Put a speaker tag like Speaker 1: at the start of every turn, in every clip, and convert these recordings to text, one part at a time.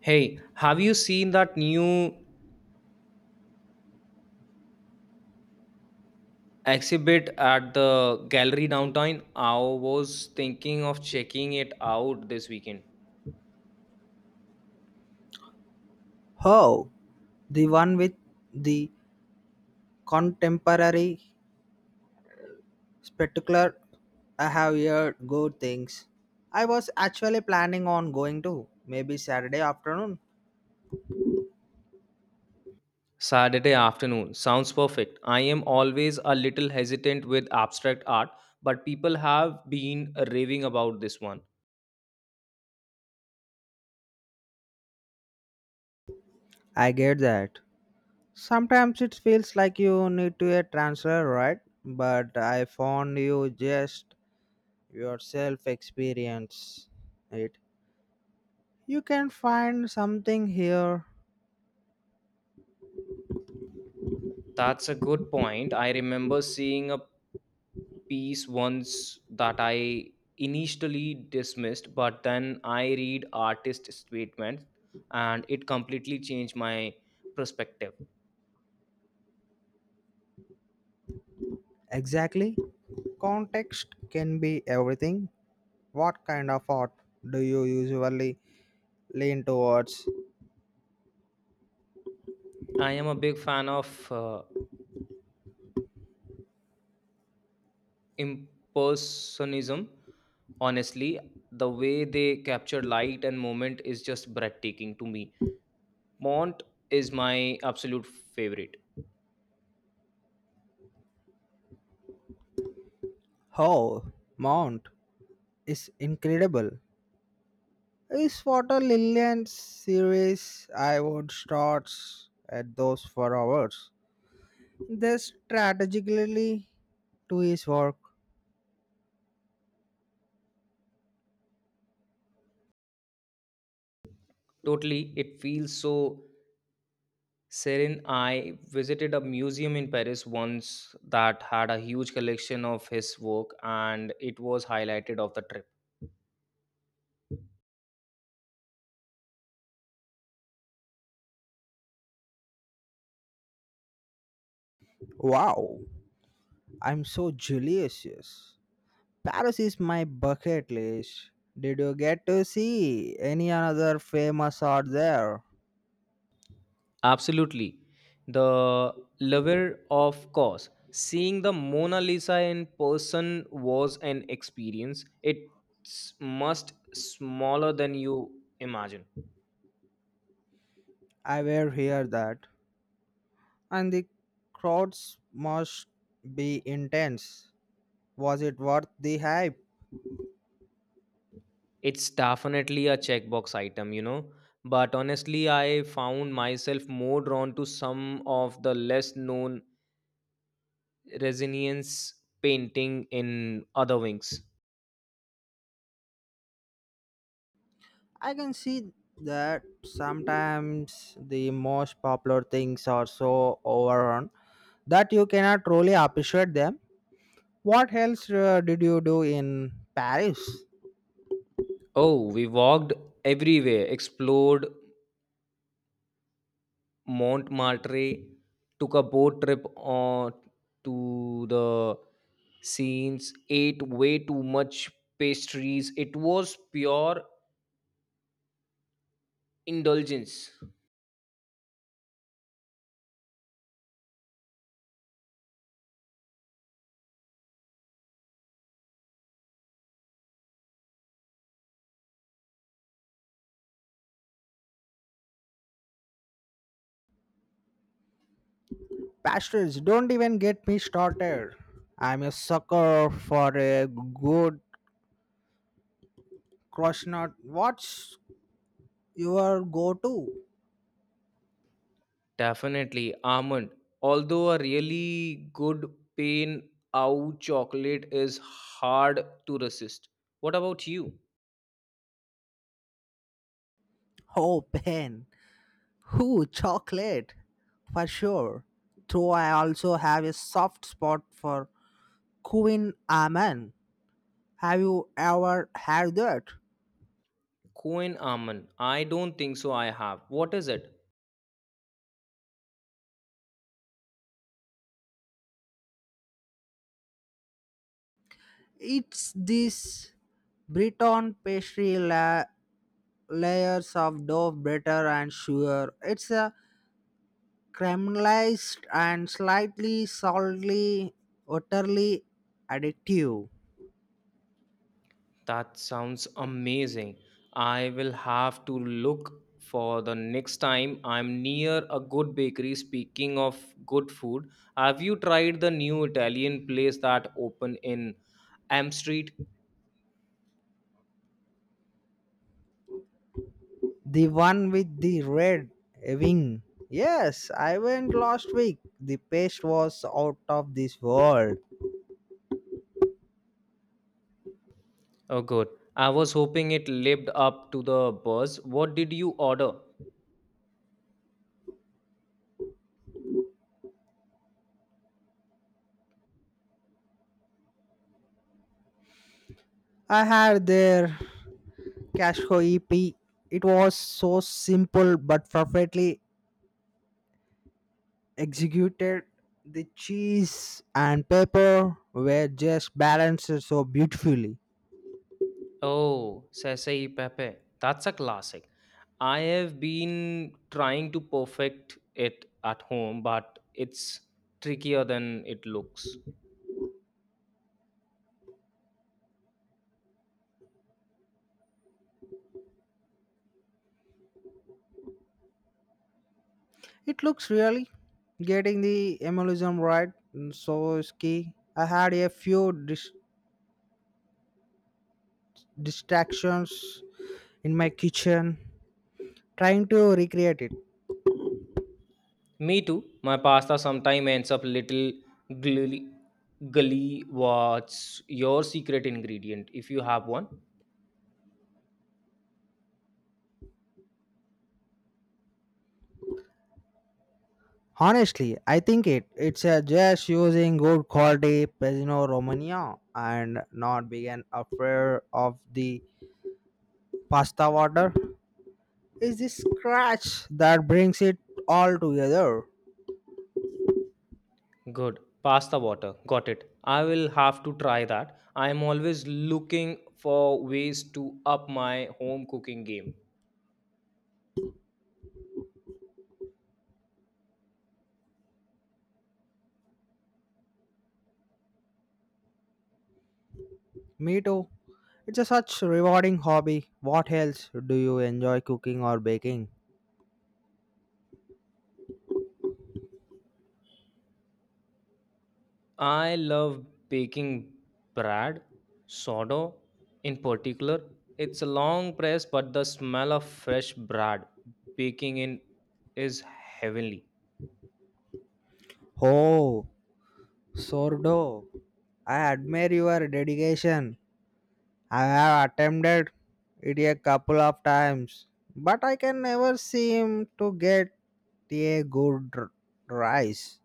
Speaker 1: Hey, have you seen that new exhibit at the gallery downtown? I was thinking of checking it out this weekend.
Speaker 2: Oh, the one with the contemporary spectacular. I have heard good things. I was actually planning on going to maybe Saturday afternoon.
Speaker 1: Saturday afternoon. Sounds perfect. I am always a little hesitant with abstract art, but people have been raving about this one.
Speaker 2: I get that. Sometimes it feels like you need to a transfer, right? But I found you just yourself experience it. You can find something here.
Speaker 1: That's a good point. I remember seeing a piece once that I initially dismissed, but then I read artist statements and it completely changed my perspective.
Speaker 2: Exactly. Context can be everything. What kind of art do you usually lean towards?
Speaker 1: I am a big fan of impersonism. Honestly, the way they capture light and moment is just breathtaking to me. Mont is my absolute favorite.
Speaker 2: Oh, Mount is incredible. Is Water Lillian series I would start at those for hours. This strategically to his work.
Speaker 1: Totally, it feels so Serin, I visited a museum in Paris once that had a huge collection of his work, and it was highlighted of the trip.
Speaker 2: Wow, I'm so jealous. Paris is my bucket list. Did you get to see any another famous art there?
Speaker 1: Absolutely, the lover of course. Seeing the Mona Lisa in person was an experience. It's must smaller than you imagine.
Speaker 2: I will hear that. And the crowds must be intense. Was it worth the hype?
Speaker 1: It's definitely a checkbox item, you know. But honestly, I found myself more drawn to some of the less known resilience painting in other wings.
Speaker 2: I can see that sometimes the most popular things are so overrun that you cannot truly appreciate them. What else did you do in Paris?
Speaker 1: Oh, we walked everywhere, explored Montmartre, took a boat trip on to the scenes, ate way too much pastries. It was pure indulgence.
Speaker 2: Pastries, don't even get me started. I'm a sucker for a good croissant. What's your go to?
Speaker 1: Definitely almond. Although a really good pain out chocolate is hard to resist. What about you?
Speaker 2: Oh, pen. Ooh, chocolate, for sure. Though I also have a soft spot for Queen Aman. Have you ever had that?
Speaker 1: Queen almond. I don't think so. I have. What is it?
Speaker 2: It's this Briton pastry layers of dough, butter, and sugar. It's a caramelized and slightly salty, utterly addictive.
Speaker 1: That sounds amazing. I will have to look for the next time I'm near a good bakery. Speaking of good food, have you tried the new Italian place that opened in Am Street?
Speaker 2: The one with the red wing. Yes, I went last week. The paste was out of this world.
Speaker 1: Oh, good. I was hoping it lived up to the buzz. What did you order?
Speaker 2: I had their Cashco EP. It was so simple but perfectly executed. The cheese and pepper were just balanced so beautifully.
Speaker 1: Oh, Sasai Pepe. That's a classic. I have been trying to perfect it at home, but it's trickier than it looks.
Speaker 2: It looks really getting the emulsion right. So is key. I had a few distractions in my kitchen, trying to recreate it.
Speaker 1: Me too. My pasta sometimes ends up little gully. Gully, what's your secret ingredient if you have one?
Speaker 2: Honestly, I think it's just using good quality Pesino Romagna and not being afraid of the pasta water. Is this scratch that brings it all together?
Speaker 1: Good. Pasta water. Got it. I will have to try that. I am always looking for ways to up my home cooking game.
Speaker 2: Me too. It's a such rewarding hobby. What else do you enjoy cooking or baking?
Speaker 1: I love baking bread, sourdough in particular. It's a long press, but the smell of fresh bread baking in is heavenly.
Speaker 2: Oh, sourdough. I admire your dedication. I have attempted it a couple of times, but I can never seem to get a good rice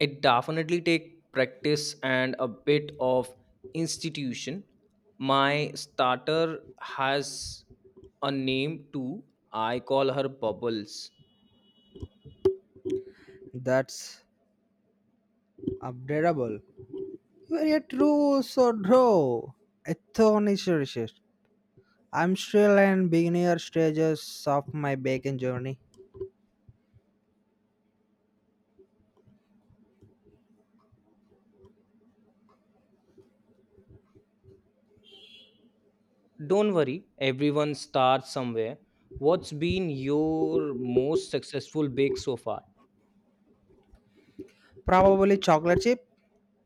Speaker 1: It definitely takes practice and a bit of institution. My starter has a name too. I call her Bubbles.
Speaker 2: that's updatable. You are a true sodro, ethonicious. I'm still in beginner stages of my baking journey.
Speaker 1: Don't worry, everyone starts somewhere. What's been your most successful bake so far?
Speaker 2: Probably chocolate chip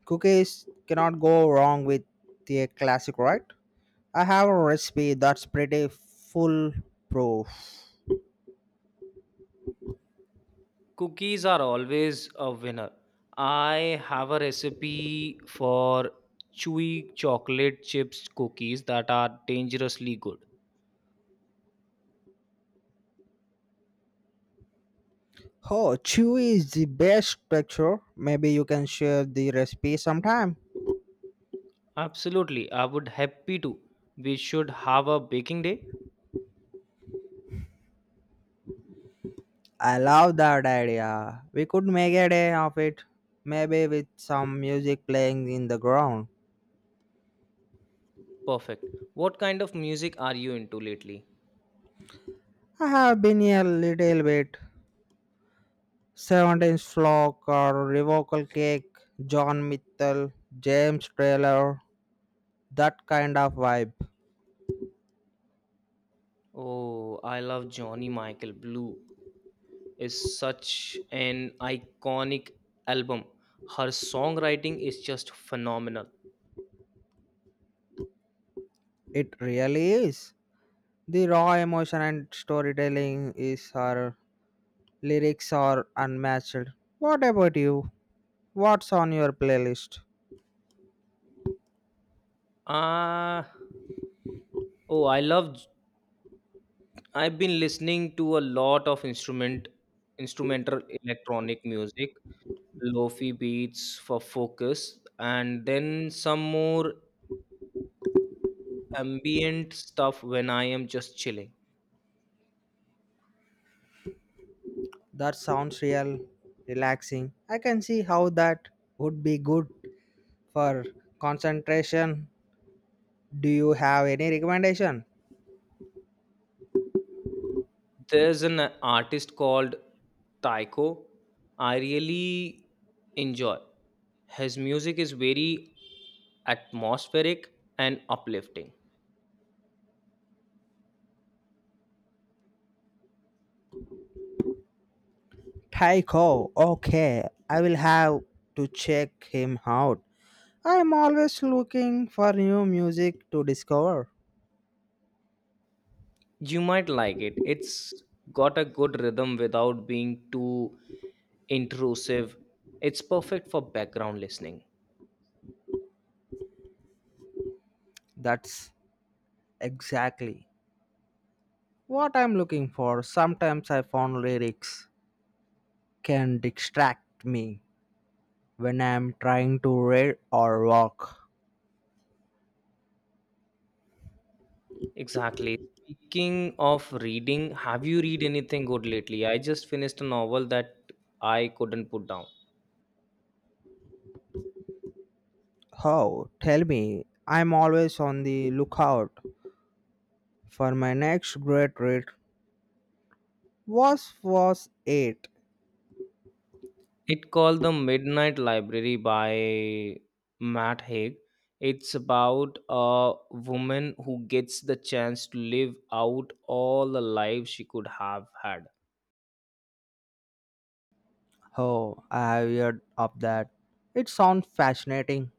Speaker 2: cookies cannot go wrong with the classic, right? I have a recipe that's pretty foolproof.
Speaker 1: Cookies are always a winner. I have a recipe for chewy chocolate chips cookies that are dangerously good.
Speaker 2: Oh, chewy is the best picture. Maybe you can share the recipe sometime.
Speaker 1: Absolutely, I would happy to. We should have a baking day.
Speaker 2: I love that idea. We could make a day of it. Maybe with some music playing in the ground.
Speaker 1: Perfect. What kind of music are you into lately?
Speaker 2: I have been a little bit. Seventeenth Flock or Revocal Cake, John Mitchell, James Taylor, that kind of vibe.
Speaker 1: Oh, I love Johnny Michael Blue. Is such an iconic album. Her songwriting is just phenomenal.
Speaker 2: It really is. The raw emotion and storytelling is her lyrics are unmatched. What about you? What's on your playlist?
Speaker 1: Ah, oh, I've been listening to a lot of instrumental electronic music, lofi beats for focus, and then some more ambient stuff when I am just chilling.
Speaker 2: That sounds real relaxing. I can see how that would be good for concentration. Do you have any recommendation?
Speaker 1: There's an artist called Taiko. I really enjoy. His music is very atmospheric and uplifting.
Speaker 2: Tycho, okay. I will have to check him out. I'm always looking for new music to discover.
Speaker 1: You might like it. It's got a good rhythm without being too intrusive. It's perfect for background listening.
Speaker 2: That's exactly what I'm looking for. Sometimes I found lyrics can distract me when I'm trying to read or walk.
Speaker 1: Exactly. Speaking of reading, have you read anything good lately? I just finished a novel that I couldn't put down.
Speaker 2: How? Tell me. I'm always on the lookout for my next great read. What was it?
Speaker 1: It called The Midnight Library by Matt Haig. It's about a woman who gets the chance to live out all the life she could have had.
Speaker 2: Oh, I have heard of that. It sounds fascinating.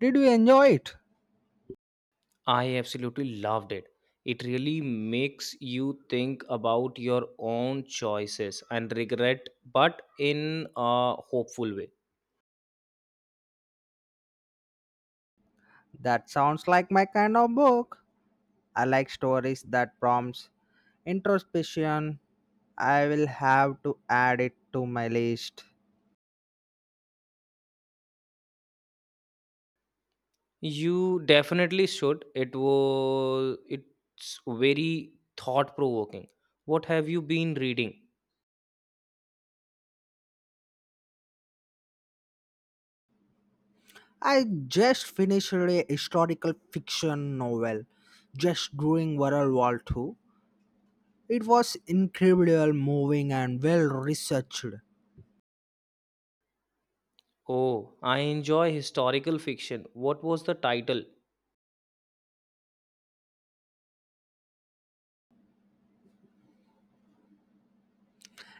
Speaker 2: Did you enjoy it?
Speaker 1: I absolutely loved it. It really makes you think about your own choices and regret, but in a hopeful way.
Speaker 2: That sounds like my kind of book. I like stories that prompts introspection. I will have to add it to my list.
Speaker 1: You definitely should. It's very thought provoking. What have you been reading?
Speaker 2: I just finished a historical fiction novel just during World War II. It was incredible, moving, and well researched.
Speaker 1: Oh, I enjoy historical fiction. What was the title?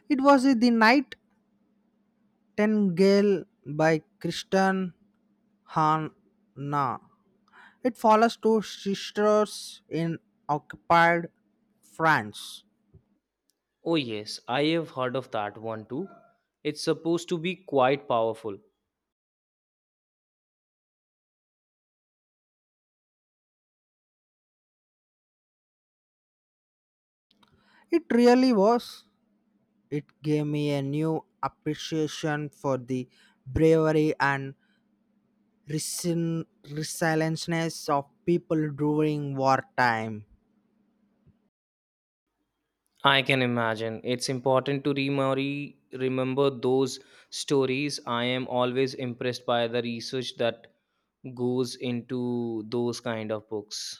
Speaker 2: It was The Night Nightingale by Kristen Hanna. It follows two sisters in occupied France.
Speaker 1: Oh yes, I have heard of that one too. It's supposed to be quite powerful.
Speaker 2: It really was. It gave me a new appreciation for the bravery and resilience of people during wartime.
Speaker 1: I can imagine. It's important to remember those stories. I am always impressed by the research that goes into those kind of books.